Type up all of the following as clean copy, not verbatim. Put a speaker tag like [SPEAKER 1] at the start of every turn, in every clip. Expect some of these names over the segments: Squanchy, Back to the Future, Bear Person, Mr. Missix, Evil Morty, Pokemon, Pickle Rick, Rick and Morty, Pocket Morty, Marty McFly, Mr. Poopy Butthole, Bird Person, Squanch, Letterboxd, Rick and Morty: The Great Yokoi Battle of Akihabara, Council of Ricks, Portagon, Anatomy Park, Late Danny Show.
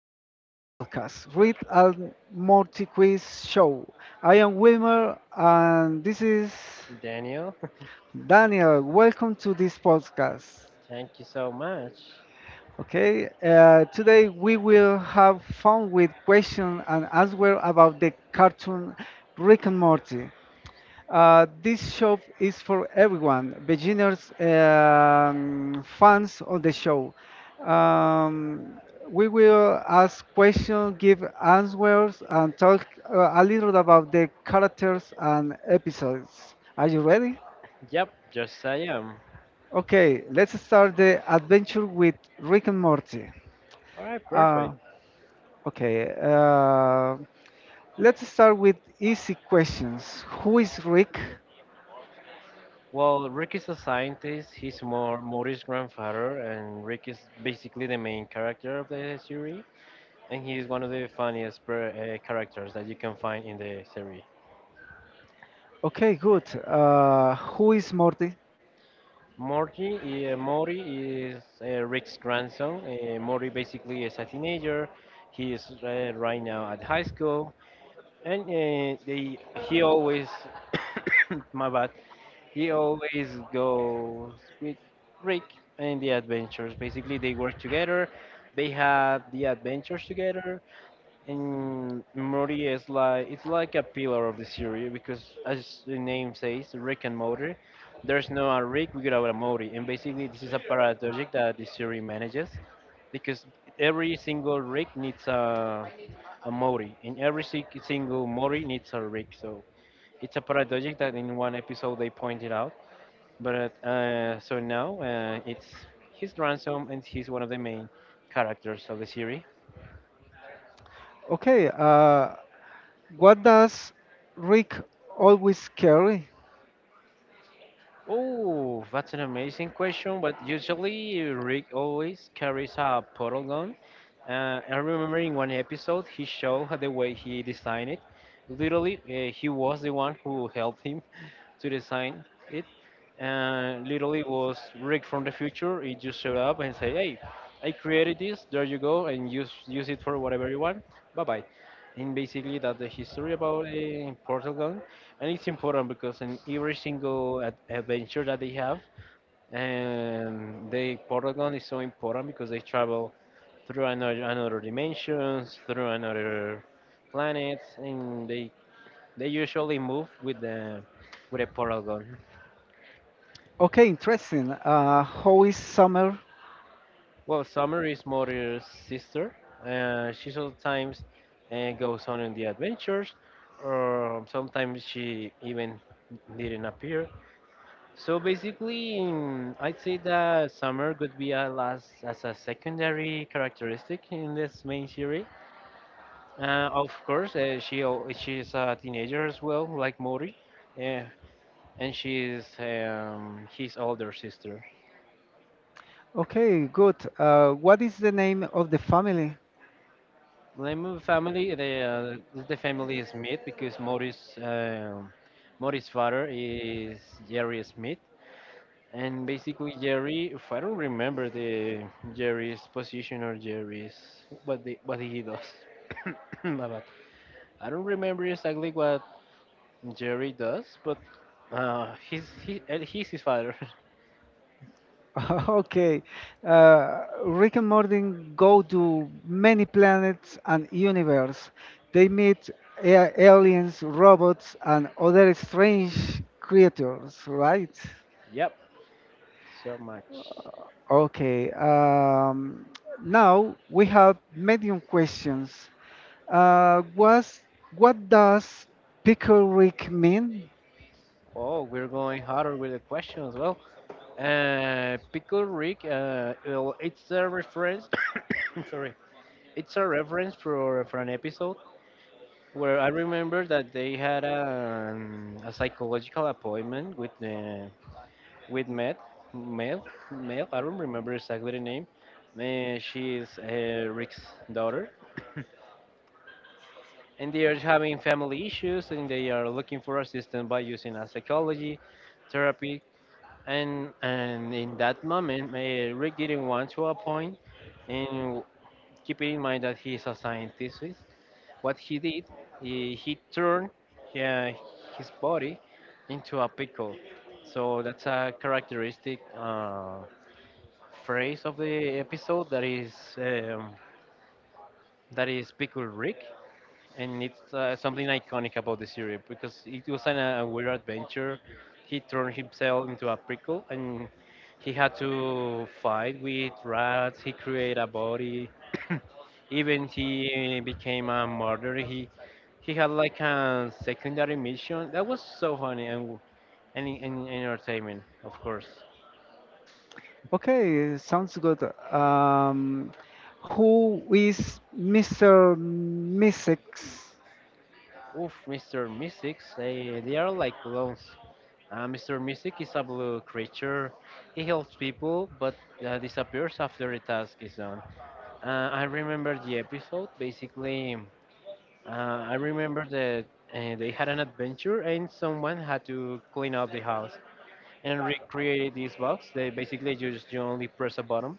[SPEAKER 1] our podcast, Read and Morty Quiz Show. I am Wilmer and this is
[SPEAKER 2] Daniel,
[SPEAKER 1] Daniel. Welcome to this podcast.
[SPEAKER 2] thank you so much.
[SPEAKER 1] Okay, Today we will have fun with question and answer about the cartoon Rick and Morty. This show is for everyone, beginners, fans of the show. Um, we will ask questions, give answers, and talk a little about the characters and episodes. Are you ready?
[SPEAKER 2] Yep, yes I am.
[SPEAKER 1] Okay, let's start the adventure with Rick and Morty.
[SPEAKER 2] Alright,
[SPEAKER 1] Uh,
[SPEAKER 2] perfect.
[SPEAKER 1] okay, uh, let's start with easy questions. Who is Rick?
[SPEAKER 2] Well, Rick is a scientist, he's more Mori's grandfather, and Rick is basically the main character of the series, and he is one of the funniest characters that you can find in the series.
[SPEAKER 1] Okay, good. Who is Morty?
[SPEAKER 2] Morty, Mori is Rick's grandson. Mori basically is a teenager. He is right now at high school, and he always, my bad, he always goes with Rick and the adventures. Basically, they work together. They had the adventures together, and Morty is like it's like a pillar of the series because, as the name says, Rick and Morty. There's no a Rick without a Morty, and basically this is a paradox that the series manages because every single Rick needs a Mori, and every single Mori needs a Rick. So it's a paradox that in one episode they pointed out. But so now it's his grandson, and he's one of the main characters of the series.
[SPEAKER 1] Okay, what does Rick always carry?
[SPEAKER 2] Oh, that's an amazing question. But usually, Rick always carries a portal gun. I remember in one episode, he showed how the way he designed it. Literally, he was the one who helped him to design it. Literally, was Rick from the future. He just showed up and said, "Hey, I created this. There you go, and use it for whatever you want. Bye bye." And basically, that's the history about the portal gun, and it's important because in every single adventure that they have, and they Portagon is so important because they travel through another dimensions through another planets, and they usually move with the with a Portagon.
[SPEAKER 1] Okay, interesting. How is Summer?
[SPEAKER 2] Well, Summer is Mori's sister. She sometimes goes on in the adventures, or sometimes she even didn't appear. So basically, I'd say that summer could be a last as a secondary characteristic in this main series. Of course, she's a teenager as well, like Mori, yeah, and she's his older sister.
[SPEAKER 1] Okay, good. What is the name of the family?
[SPEAKER 2] Lemu family, the family is Smith because Mori's father is Jerry Smith. And basically, Jerry, if I don't remember the Jerry's position or Jerry's what he does. My bad. I don't remember exactly what Jerry does, but and he's his father.
[SPEAKER 1] okay, Rick and Morty go to many planets and universe. They meet aliens, robots, and other strange creatures, right?
[SPEAKER 2] Yep, so much.
[SPEAKER 1] Okay, now we have medium questions. Was What does pickle Rick mean?
[SPEAKER 2] Oh, we're going harder with the questions. Well, Pickle Rick, well, it's a reference. Sorry, it's a reference for an episode where I remember that they had an, a psychological appointment with the with Mel, Mel. I don't remember exactly the name. She is Rick's daughter, and they are having family issues, and they are looking for assistance by using a psychology therapy. And in that moment, Rick didn't want to appoint, and keep in mind that he is a scientist. What he did, he turned uh, his body into a pickle. So that's a characteristic phrase of the episode that is Pickle Rick, and it's something iconic about the series because it was an, a weird adventure. He turned himself into a prickle, and he had to fight with rats. He created a body. Even he became a murderer. He had like a secondary mission that was so funny and and entertainment, of course.
[SPEAKER 1] Okay, sounds good. Um, who is Mr. Missix?
[SPEAKER 2] Oof, Mr. Mystics, they are like clones. Mr. Mystic is a blue creature. He helps people, but disappears after the task is done. I remember the episode. Basically, uh, I remember that they had an adventure and someone had to clean up the house and recreate this box. They basically just you only press a button,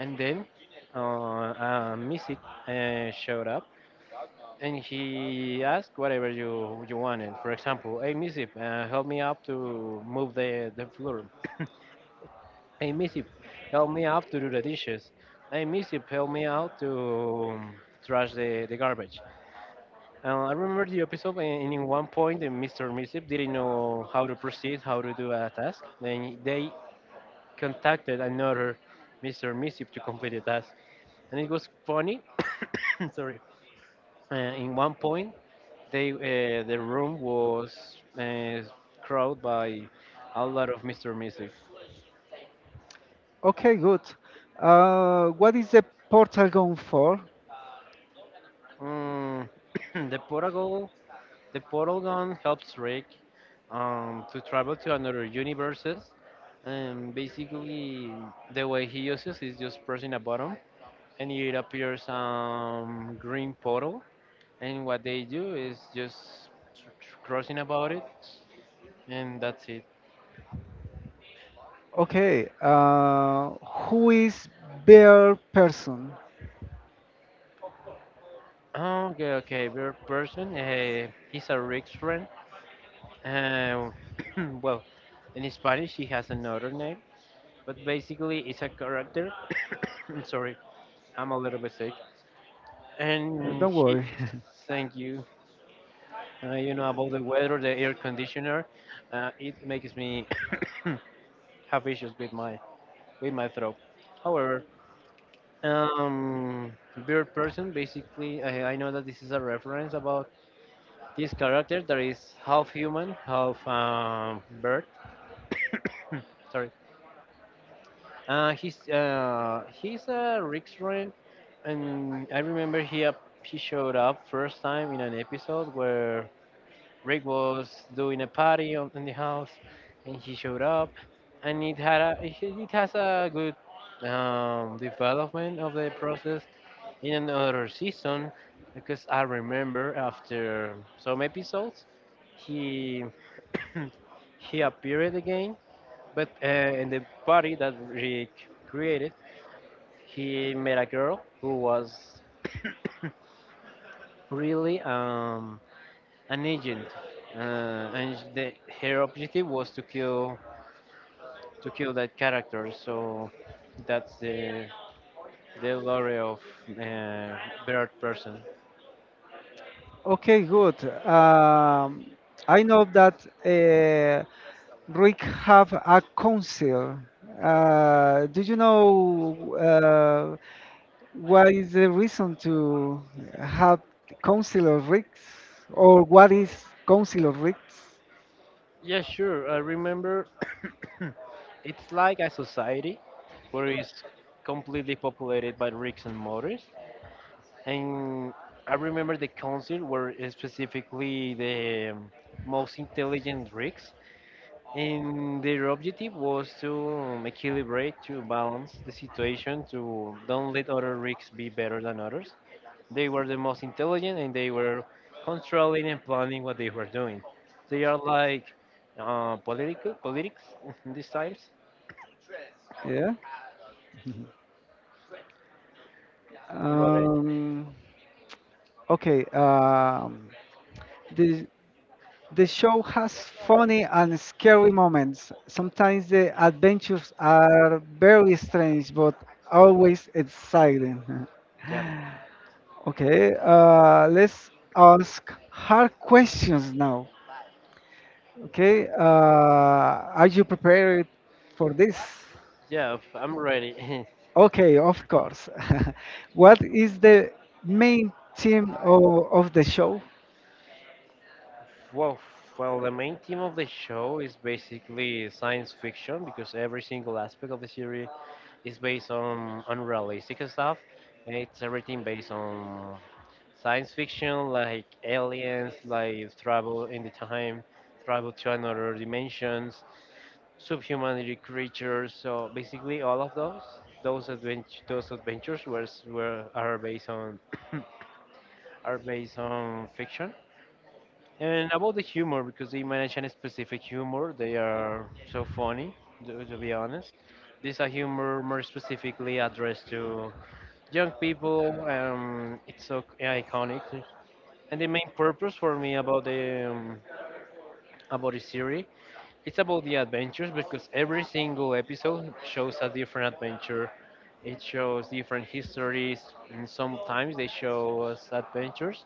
[SPEAKER 2] and then Mystic showed up, and he asked whatever you wanted. For example, hey Missy, help me up to move the floor. Hey Missy, help me up to do the dishes. Hey Missy, help me out to um, trash the garbage. And I remember the episode, and in one point, the Mr. Missy didn't know how to proceed, how to do a task. Then they contacted another Mr. Missy to complete the task, and it was funny. Sorry. In one point, the room was uh, crowded by a lot of Mr. Mystic.
[SPEAKER 1] Okay, good. What is the Portagon for?
[SPEAKER 2] Mm, the portal the portal gun helps Rick to travel to another universes. And basically, the way he uses is just pressing a button, and it appears green portal. And what they do is just crossing about it, and that's it.
[SPEAKER 1] Okay, who is Bear Person?
[SPEAKER 2] Oh, okay, weird person. He's a Rick's friend. Uh, well, in Spanish, he has another name, but basically, it's a character. I'm sorry, I'm a little bit sick. And
[SPEAKER 1] Don't
[SPEAKER 2] he,
[SPEAKER 1] worry.
[SPEAKER 2] thank you. You know about the weather, the air conditioner. It makes me have issues with my throat. However, um, beard person. Basically, I know that this is a reference about this character that is half human, half bird. Sorry. He's a Rickstron, and I remember he showed up first time in an episode where Rick was doing a party in the house, and he showed up, and it has a good development of the process in another season, because I remember after some episodes he he appeared again, but in the party that Rick created he met a girl who was really an agent, uh, and the, her objective was to kill that character. So that's the lore of uh, Bird Person.
[SPEAKER 1] Okay, good. I know that Rick have a council. Do you know what is the reason to have council of Ricks or what is council of Ricks?
[SPEAKER 2] Yeah, sure. I remember it's like a society where it's completely populated by rigs and motors. And I remember the council where specifically the most intelligent rigs. And their objective was to to balance the situation, to don't let other rigs be better than others. They were the most intelligent and they were controlling and planning what they were doing. They are like political politics these times.
[SPEAKER 1] Yeah. Um, okay. Um, the The show has funny and scary moments. Sometimes the adventures are very strange, but always exciting.
[SPEAKER 2] Yep.
[SPEAKER 1] Okay, let's ask hard questions now. Okay, are you prepared for this?
[SPEAKER 2] Yeah, I'm ready.
[SPEAKER 1] Okay, of course. What is the main theme of the show?
[SPEAKER 2] Well, well, the main theme of the show is basically science fiction because every single aspect of the series it's based on unrealistic stuff, and it's everything based on science fiction, like aliens, like travel in the time, travel to another dimensions, subhumanity creatures. So basically, all of those adventures were s- were are based on are based on fiction. And about the humor, because they manage a specific humor, they are so funny, to be honest. These are humor more specifically addressed to young people. It's so iconic. And the main purpose for me about the series, it's about the adventures because every single episode shows a different adventure. It shows different histories, and sometimes they show us adventures.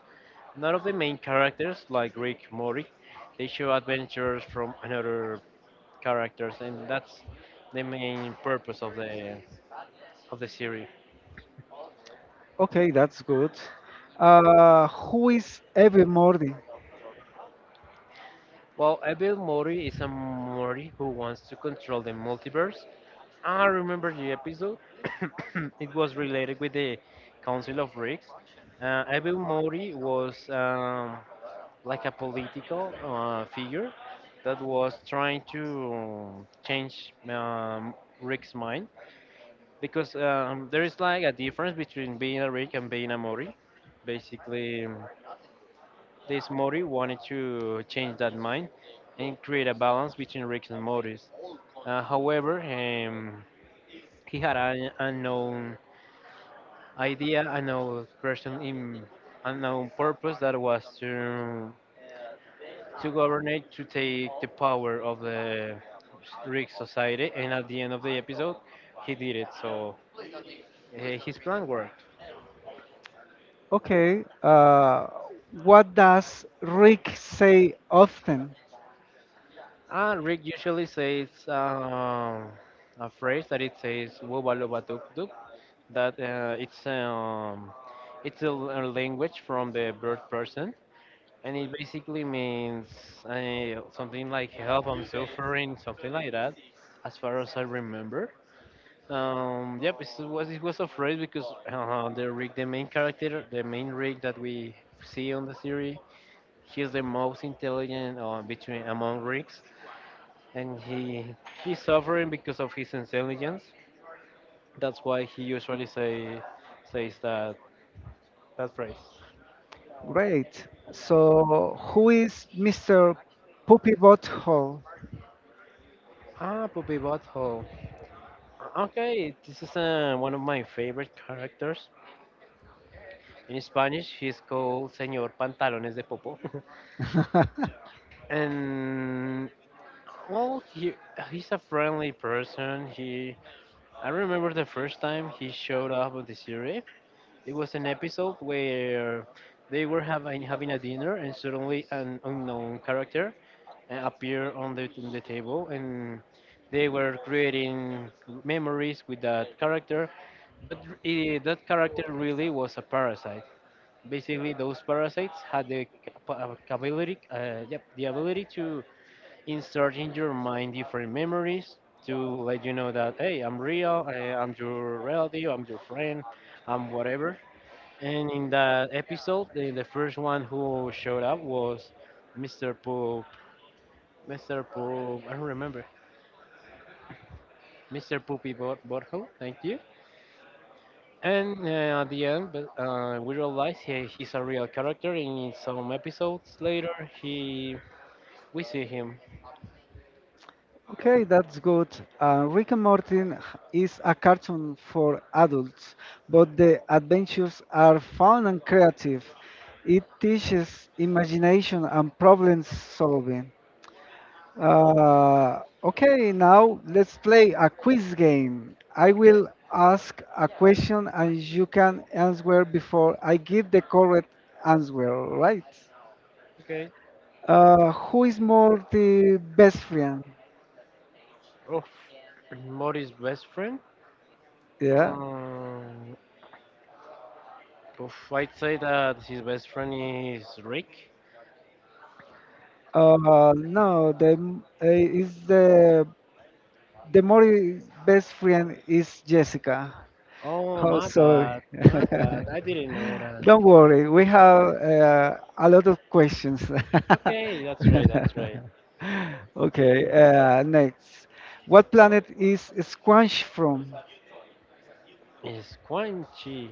[SPEAKER 2] None of the main characters, like Rick Mori, they show adventures from another characters, and that's the main purpose of the series.
[SPEAKER 1] Okay, that's good. Who is every Morty?
[SPEAKER 2] Well, Abel Mori is a Mori who wants to control the multiverse. Ah, I remember the episode. It was related with the Council of Ricks. Abel Mori was like a political figure that was trying to change Rick's mind because there is like a difference between being a Rick and being a Mori. Basically, this Mori wanted to change that mind and create a balance between Rick and Morty's. However, he had an unknown idea, unknown person, in unknown purpose that was to govern it, to take the power of the Rick society. And at the end of the episode, he did it. So uh, his plan worked.
[SPEAKER 1] Okay. What does Rick say often?
[SPEAKER 2] And Rick usually says a phrase that it says "Woba loba," that it's a, a language from the bird person, and it basically means something like "help," "I'm suffering," something like that, as far as I remember. Yep, it was a phrase because the Rick, the main character, the main Rick that we see on the series, he's the most intelligent between among Ricks, and he's suffering because of his intelligence. That's why he usually says that that phrase.
[SPEAKER 1] Great. So, who is Mr. Poopy Butthole?
[SPEAKER 2] Ah, Puppy Butthole. Okay, this is one of my favorite characters. In Spanish, he's called Señor Pantalones de Popo. And, well, he's a friendly person. He, I remember the first time he showed up on the series. It was an episode where they were having a dinner, and suddenly an unknown character appear on the table, and they were creating memories with that character. But that character really was a parasite. Basically, those parasites had the capability the ability to insert in your mind different memories to let you know that, hey, I'm real. I'm your relative, I'm your friend, I'm whatever. And in that episode, the first one who showed up was mr Mr. Poop. I don't remember. Mr. Poopy Borjo. Thank you. And at the end, but, we realize he's a real character. And in some episodes later, he, we see him.
[SPEAKER 1] Okay, that's good. Rick and Morty is a cartoon for adults, but the adventures are fun and creative. It teaches imagination and problem solving. Okay, Now let's play a quiz game. I will ask a question and you can answer before I give the correct answer, all right?
[SPEAKER 2] Okay.
[SPEAKER 1] Who is more the best friend?
[SPEAKER 2] Of Mori's best friend.
[SPEAKER 1] Yeah.
[SPEAKER 2] Um, oof, I'd say that his best friend is Rick.
[SPEAKER 1] No, the m- is the more best friend is Jessica.
[SPEAKER 2] Oh,
[SPEAKER 1] Oh,
[SPEAKER 2] my bad.
[SPEAKER 1] sorry.
[SPEAKER 2] My bad. I didn't know that.
[SPEAKER 1] Don't worry, we have a lot of questions.
[SPEAKER 2] Okay, that's right. That's right.
[SPEAKER 1] Okay, next. What planet is Squanch from?
[SPEAKER 2] Is Quan Chi.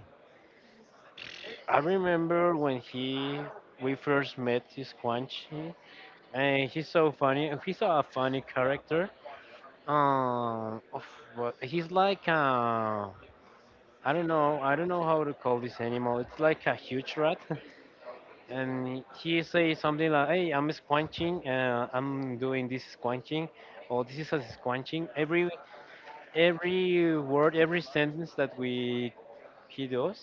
[SPEAKER 2] I remember when he we first met this Quan Chi, and he's so funny. He's a funny character. Of he's like I don't know how to call this animal. It's like a huge rat, and he says something like, "Hey, I'm squanching. I'm doing this squanching, or this is a squanching." Every word, every sentence that we he does,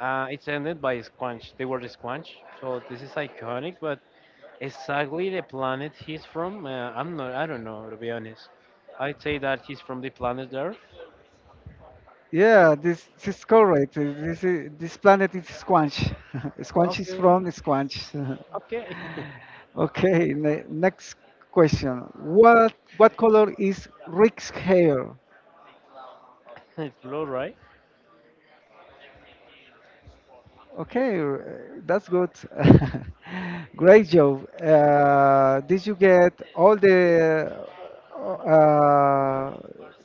[SPEAKER 2] It's ended by squanch. They were squanch, so this is iconic. But exactly the planet he's from, I'm not. I don't know, to be honest. I'd say that he's from the planet Earth.
[SPEAKER 1] Yeah, this is correct. This, is, this planet is Squanch. Squanch is
[SPEAKER 2] Okay,
[SPEAKER 1] from Squanch.
[SPEAKER 2] okay.
[SPEAKER 1] Okay, ne Next question. What color is Rick's hair?
[SPEAKER 2] It's blue, right?
[SPEAKER 1] Okay, that's good. Great job. Did you get all the uh,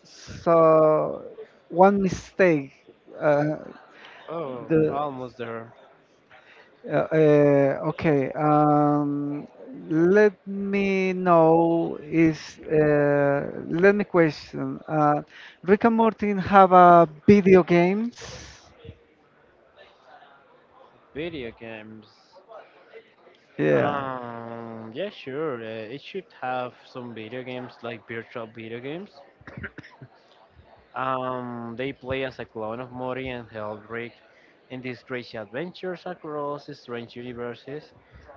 [SPEAKER 1] so one mistake? Uh,
[SPEAKER 2] Oh,
[SPEAKER 1] the
[SPEAKER 2] almost there.
[SPEAKER 1] okay. Let me know is let me question. Rick and Morty have a video games.
[SPEAKER 2] Video games.
[SPEAKER 1] Yeah.
[SPEAKER 2] Yeah, sure. It should have some video games, like virtual video games. They play as a clone of Mori and help in these crazy adventures across strange universes.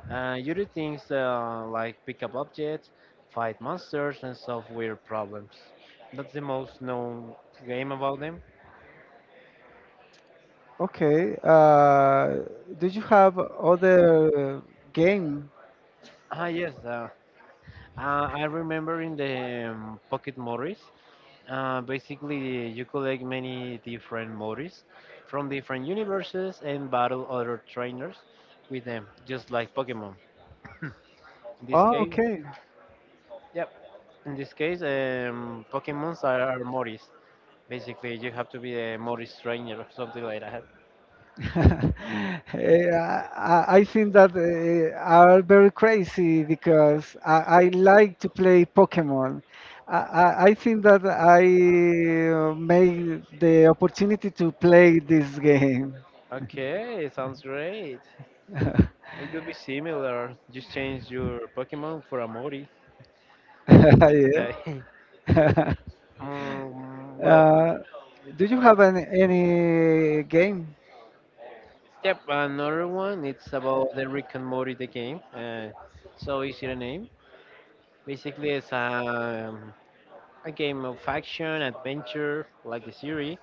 [SPEAKER 2] You do things like pick up objects, fight monsters, and solve weird problems. That's the most known game about them.
[SPEAKER 1] Okay. Did you have other game?
[SPEAKER 2] Ah, yes. I remember in the Pocket Moris. Basically, you collect many different Moris from different universes and battle other trainers with them, just like Pokemon. In this
[SPEAKER 1] Oh,
[SPEAKER 2] case,
[SPEAKER 1] okay.
[SPEAKER 2] yep. In this case, Pokemons are Moris. Basically, you have to be a Moris trainer or something like that.
[SPEAKER 1] Eh, I I think that are very crazy because I like to play Pokemon. I, I think that I made the opportunity to play this game.
[SPEAKER 2] Okay, sounds great. It could be similar. Just change your Pokemon for a Mori, I'd say.
[SPEAKER 1] Yeah.
[SPEAKER 2] um, well, uh,
[SPEAKER 1] Uh, do you have an, any game?
[SPEAKER 2] yep, another one. It's about the Rick and Morty the game. So easy to name. Basically, it's a game of action adventure, like the series.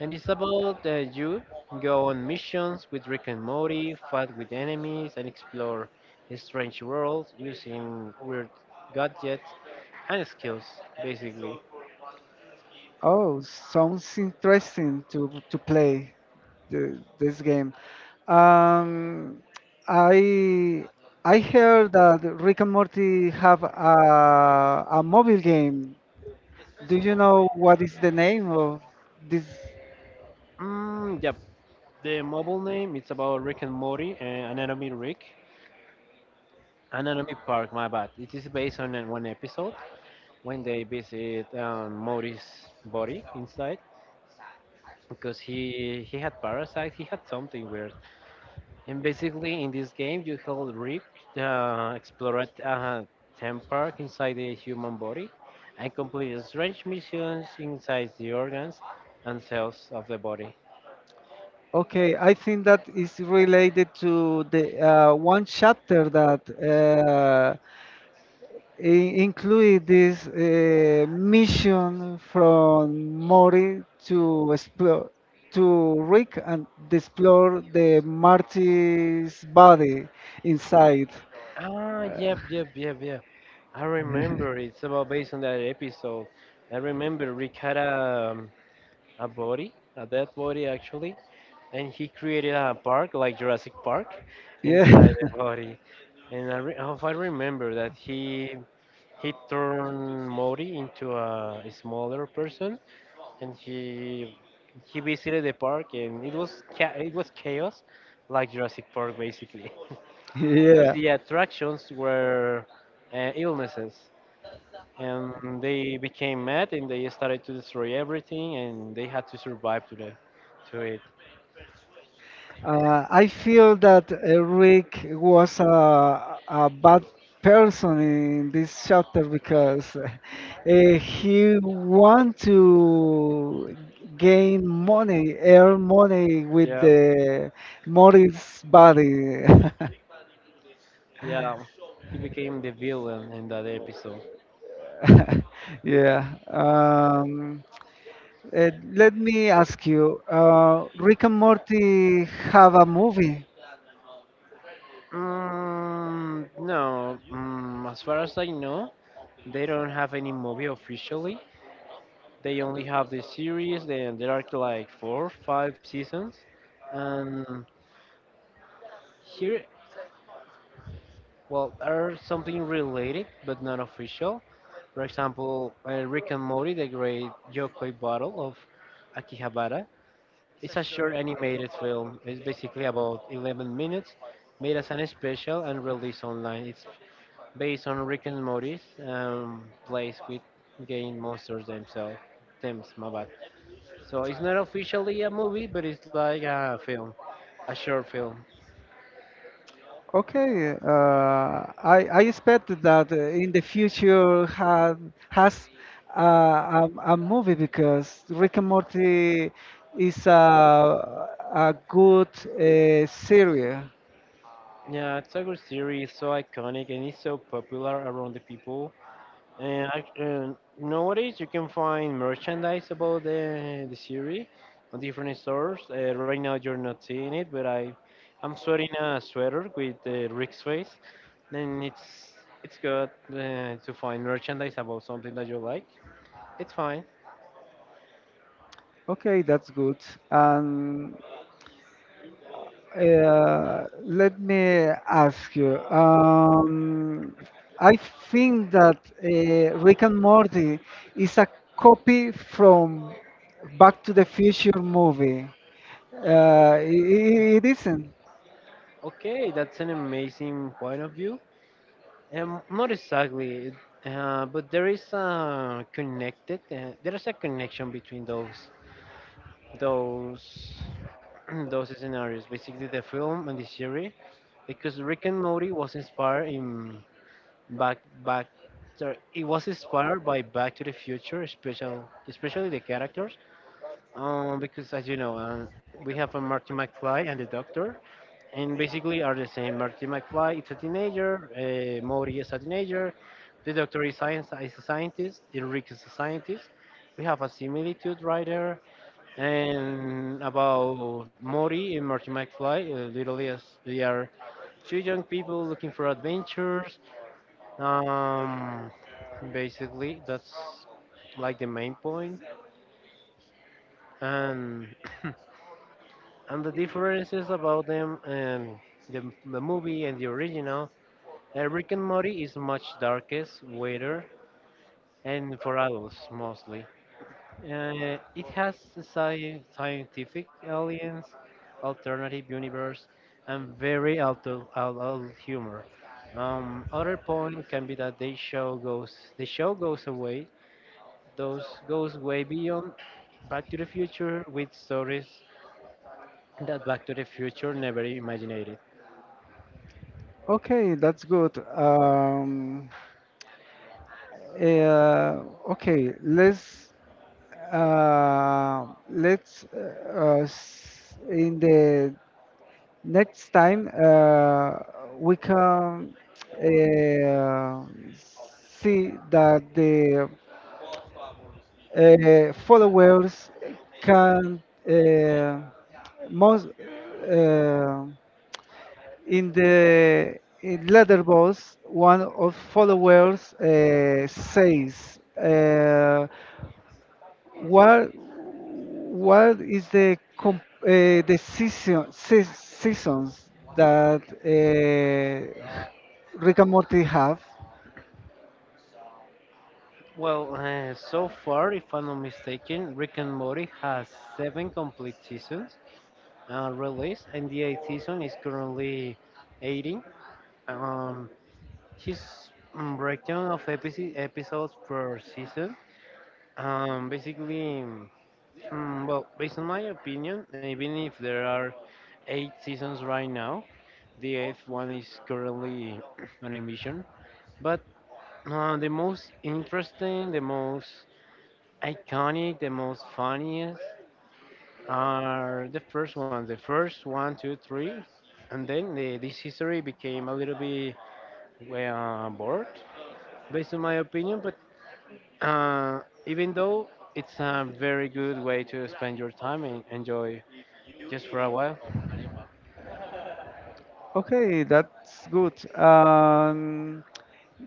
[SPEAKER 2] And it's about you go on missions with Rick and Morty, fight with enemies, and explore strange worlds using weird gadgets and skills, basically.
[SPEAKER 1] Oh, sounds interesting to play this game. Um, I I heard that Rick and Morty have a mobile game. Do you know what is the name of this?
[SPEAKER 2] Mm, yep. The mobile name, it's about Rick and Morty, Anatomy Rick, Anatomy Park. My bad. It is based on one episode when they visit Morty's body inside, because he had parasites. He had something weird. And basically, in this game, you help Rick explore a theme park inside the human body and complete strange missions inside the organs and cells of the body.
[SPEAKER 1] Okay, I think that is related to the one chapter that include this mission from Mori to explore to Rick and explore the Marty's body inside.
[SPEAKER 2] Ah, yep, yep, yep, yep. I remember it's about based on that episode. I remember Rick had a body, a dead body actually, and he created a park like Jurassic Park
[SPEAKER 1] Yeah,
[SPEAKER 2] inside the body. And I if I remember that he turned Modi into a smaller person, and he visited the park, and it was it was chaos, like Jurassic Park basically, because
[SPEAKER 1] yeah.
[SPEAKER 2] the attractions were illnesses, and they became mad, and they started to destroy everything, and they had to survive to the to it.
[SPEAKER 1] I feel that Rick was a bad person in this chapter because he want to gain money, earn money with
[SPEAKER 2] Yeah,
[SPEAKER 1] the Morris body.
[SPEAKER 2] yeah. He became the villain in that episode.
[SPEAKER 1] Yeah. Let me ask you, Rick and Morty have a movie.
[SPEAKER 2] Mm, no, mm, as far as I know, they don't have any movie officially. They only have the series. Then there are like four, five seasons, and here, well, are something related but not official. For example, Rick and Morty, the Great Yokoi Battle of Akihabara. It's a short animated film. It's basically about 11 minutes, made as an special and released online. It's based on Rick and Morty's plays with game monsters themselves. Themes, my bad. So it's not officially a movie, but it's like a film, a short film.
[SPEAKER 1] Okay, uh, I expect that in the future have has a movie because Rick and Morty is a good series.
[SPEAKER 2] Yeah, it's a good series, so iconic, and it's so popular around the people. And, I, and nowadays, you can find merchandise about the series on different stores. Right now, you're not seeing it, but I, I'm sweating a sweater with Rick's face, and it's good to find merchandise about something that you like. It's fine.
[SPEAKER 1] Okay, that's good. And let me ask you. I think that Rick and Morty is a copy from Back to the Future movie. Uh, i- it isn't.
[SPEAKER 2] Okay, that's an amazing point of view. Not exactly, but there is a connected. There is a connection between those those scenarios. Basically, the film and the series, because Rick and Morty was inspired in back back. Sorry, it was inspired by Back to the Future, special especially the characters. Because as you know, we have a Marty McFly and the Doctor, and basically are the same. Marty McFly is a teenager, Maury is a teenager, the doctor is a scientist, and Rick is a scientist. We have a similitude right there. And about Maury and Marty McFly, literally as they are two young people looking for adventures. Um, basically, that's like the main point. And and the differences about them and the movie and the original. Rick and Morty is much darkest, weirder, and for adults mostly. It has scientific aliens, alternative universe, and very adult humor. Other point can be that the show goes away, those goes way beyond Back to the Future with stories that Back to the Future never imagined.
[SPEAKER 1] Okay, that's good. Uh, okay, let's in the next time we can uh, see that the followers can uh, most. Uh, in the in Letterboxd, one of followers says, what is the seasons that Rick and Morty have?"
[SPEAKER 2] Well, so far, if I'm not mistaken, Rick and Morty has seven complete seasons released, and the eighth season is currently 18. Um, breakdown of episodes per season. Um, basically, well, based on my opinion, even if there are eight seasons right now, the eighth one is currently on emission. But the most interesting, the most iconic, the most funniest are the first ones. The first one, two, three, and then this history became a little bit, well, bored, based on my opinion. But even though, it's a very good way to spend your time and enjoy just for a while.
[SPEAKER 1] Okay, that's good.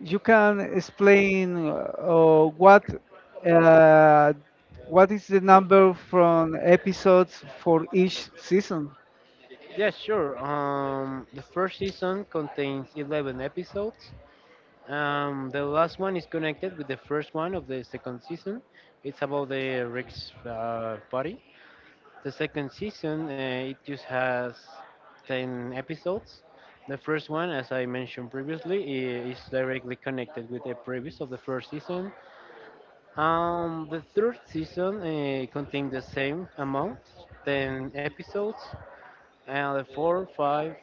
[SPEAKER 1] You can explain uh, what is the number from episodes for each season?
[SPEAKER 2] Yeah, sure. The first season contains 11 episodes. The last one is connected with the first one of the second season. It's about the Rick's party. The second season, it just has 10 episodes. The first one, as I mentioned previously, is directly connected with the previous of the first season. The third season contained the same amount, 10 episodes. The 4, 5,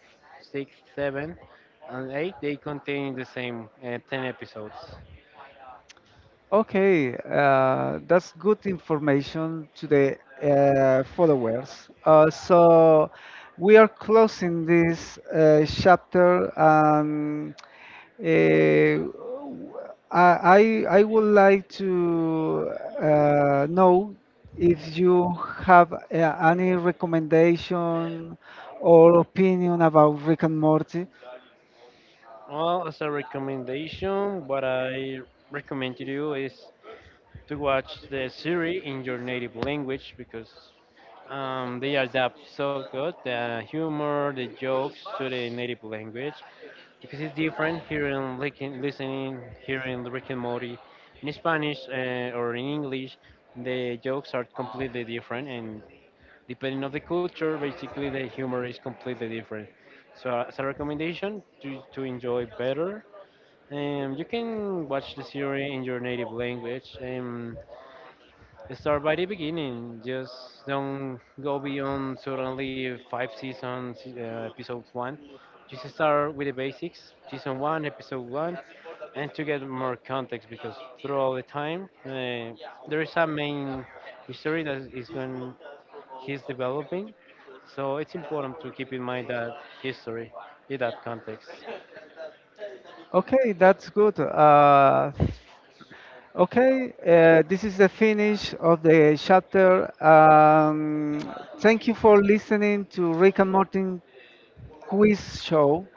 [SPEAKER 2] 6, 7, and 8, they contain the same 10 episodes.
[SPEAKER 1] Okay, that's good information to the followers. So we are closing this chapter, and Uh, I I I would like to know if you have any recommendation or opinion about Rick and Morty.
[SPEAKER 2] Well, as a recommendation, what I recommend to do is to watch the series in your native language, because they adapt so good the humor, the jokes, to the native language, because it's different listening, hearing Rick and Morty in Spanish or in English. The jokes are completely different, and depending on the culture, basically the humor is completely different. So as a recommendation to enjoy better, you can watch the series in your native language. Start by the beginning. Just don't go beyond suddenly five seasons, episode one. Just start with the basics, season one, episode one, and to get more context, because throughout the time, there is a main history that is going, he's developing. So it's important to keep in mind that history in that context.
[SPEAKER 1] Okay, that's good. Okay, this is the finish of the chapter. Thank you for listening to Rick and Morty quiz show.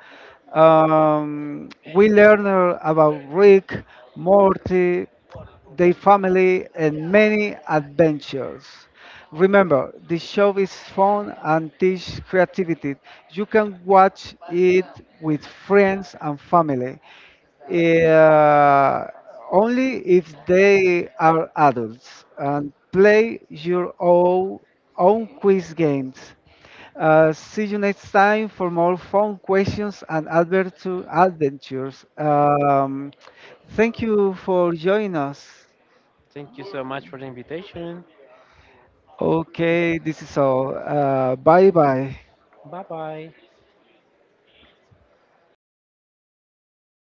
[SPEAKER 1] We learned about Rick, Morty, their family, and many adventures. Remember, this show is fun and teach creativity. You can watch it with friends and family, uh, only if they are adults, and play your own, own quiz games. See you next time for more fun questions and adventures. Thank you for joining us.
[SPEAKER 2] Thank you so much for the invitation.
[SPEAKER 1] Okay, this is all. Bye bye.
[SPEAKER 2] Bye bye.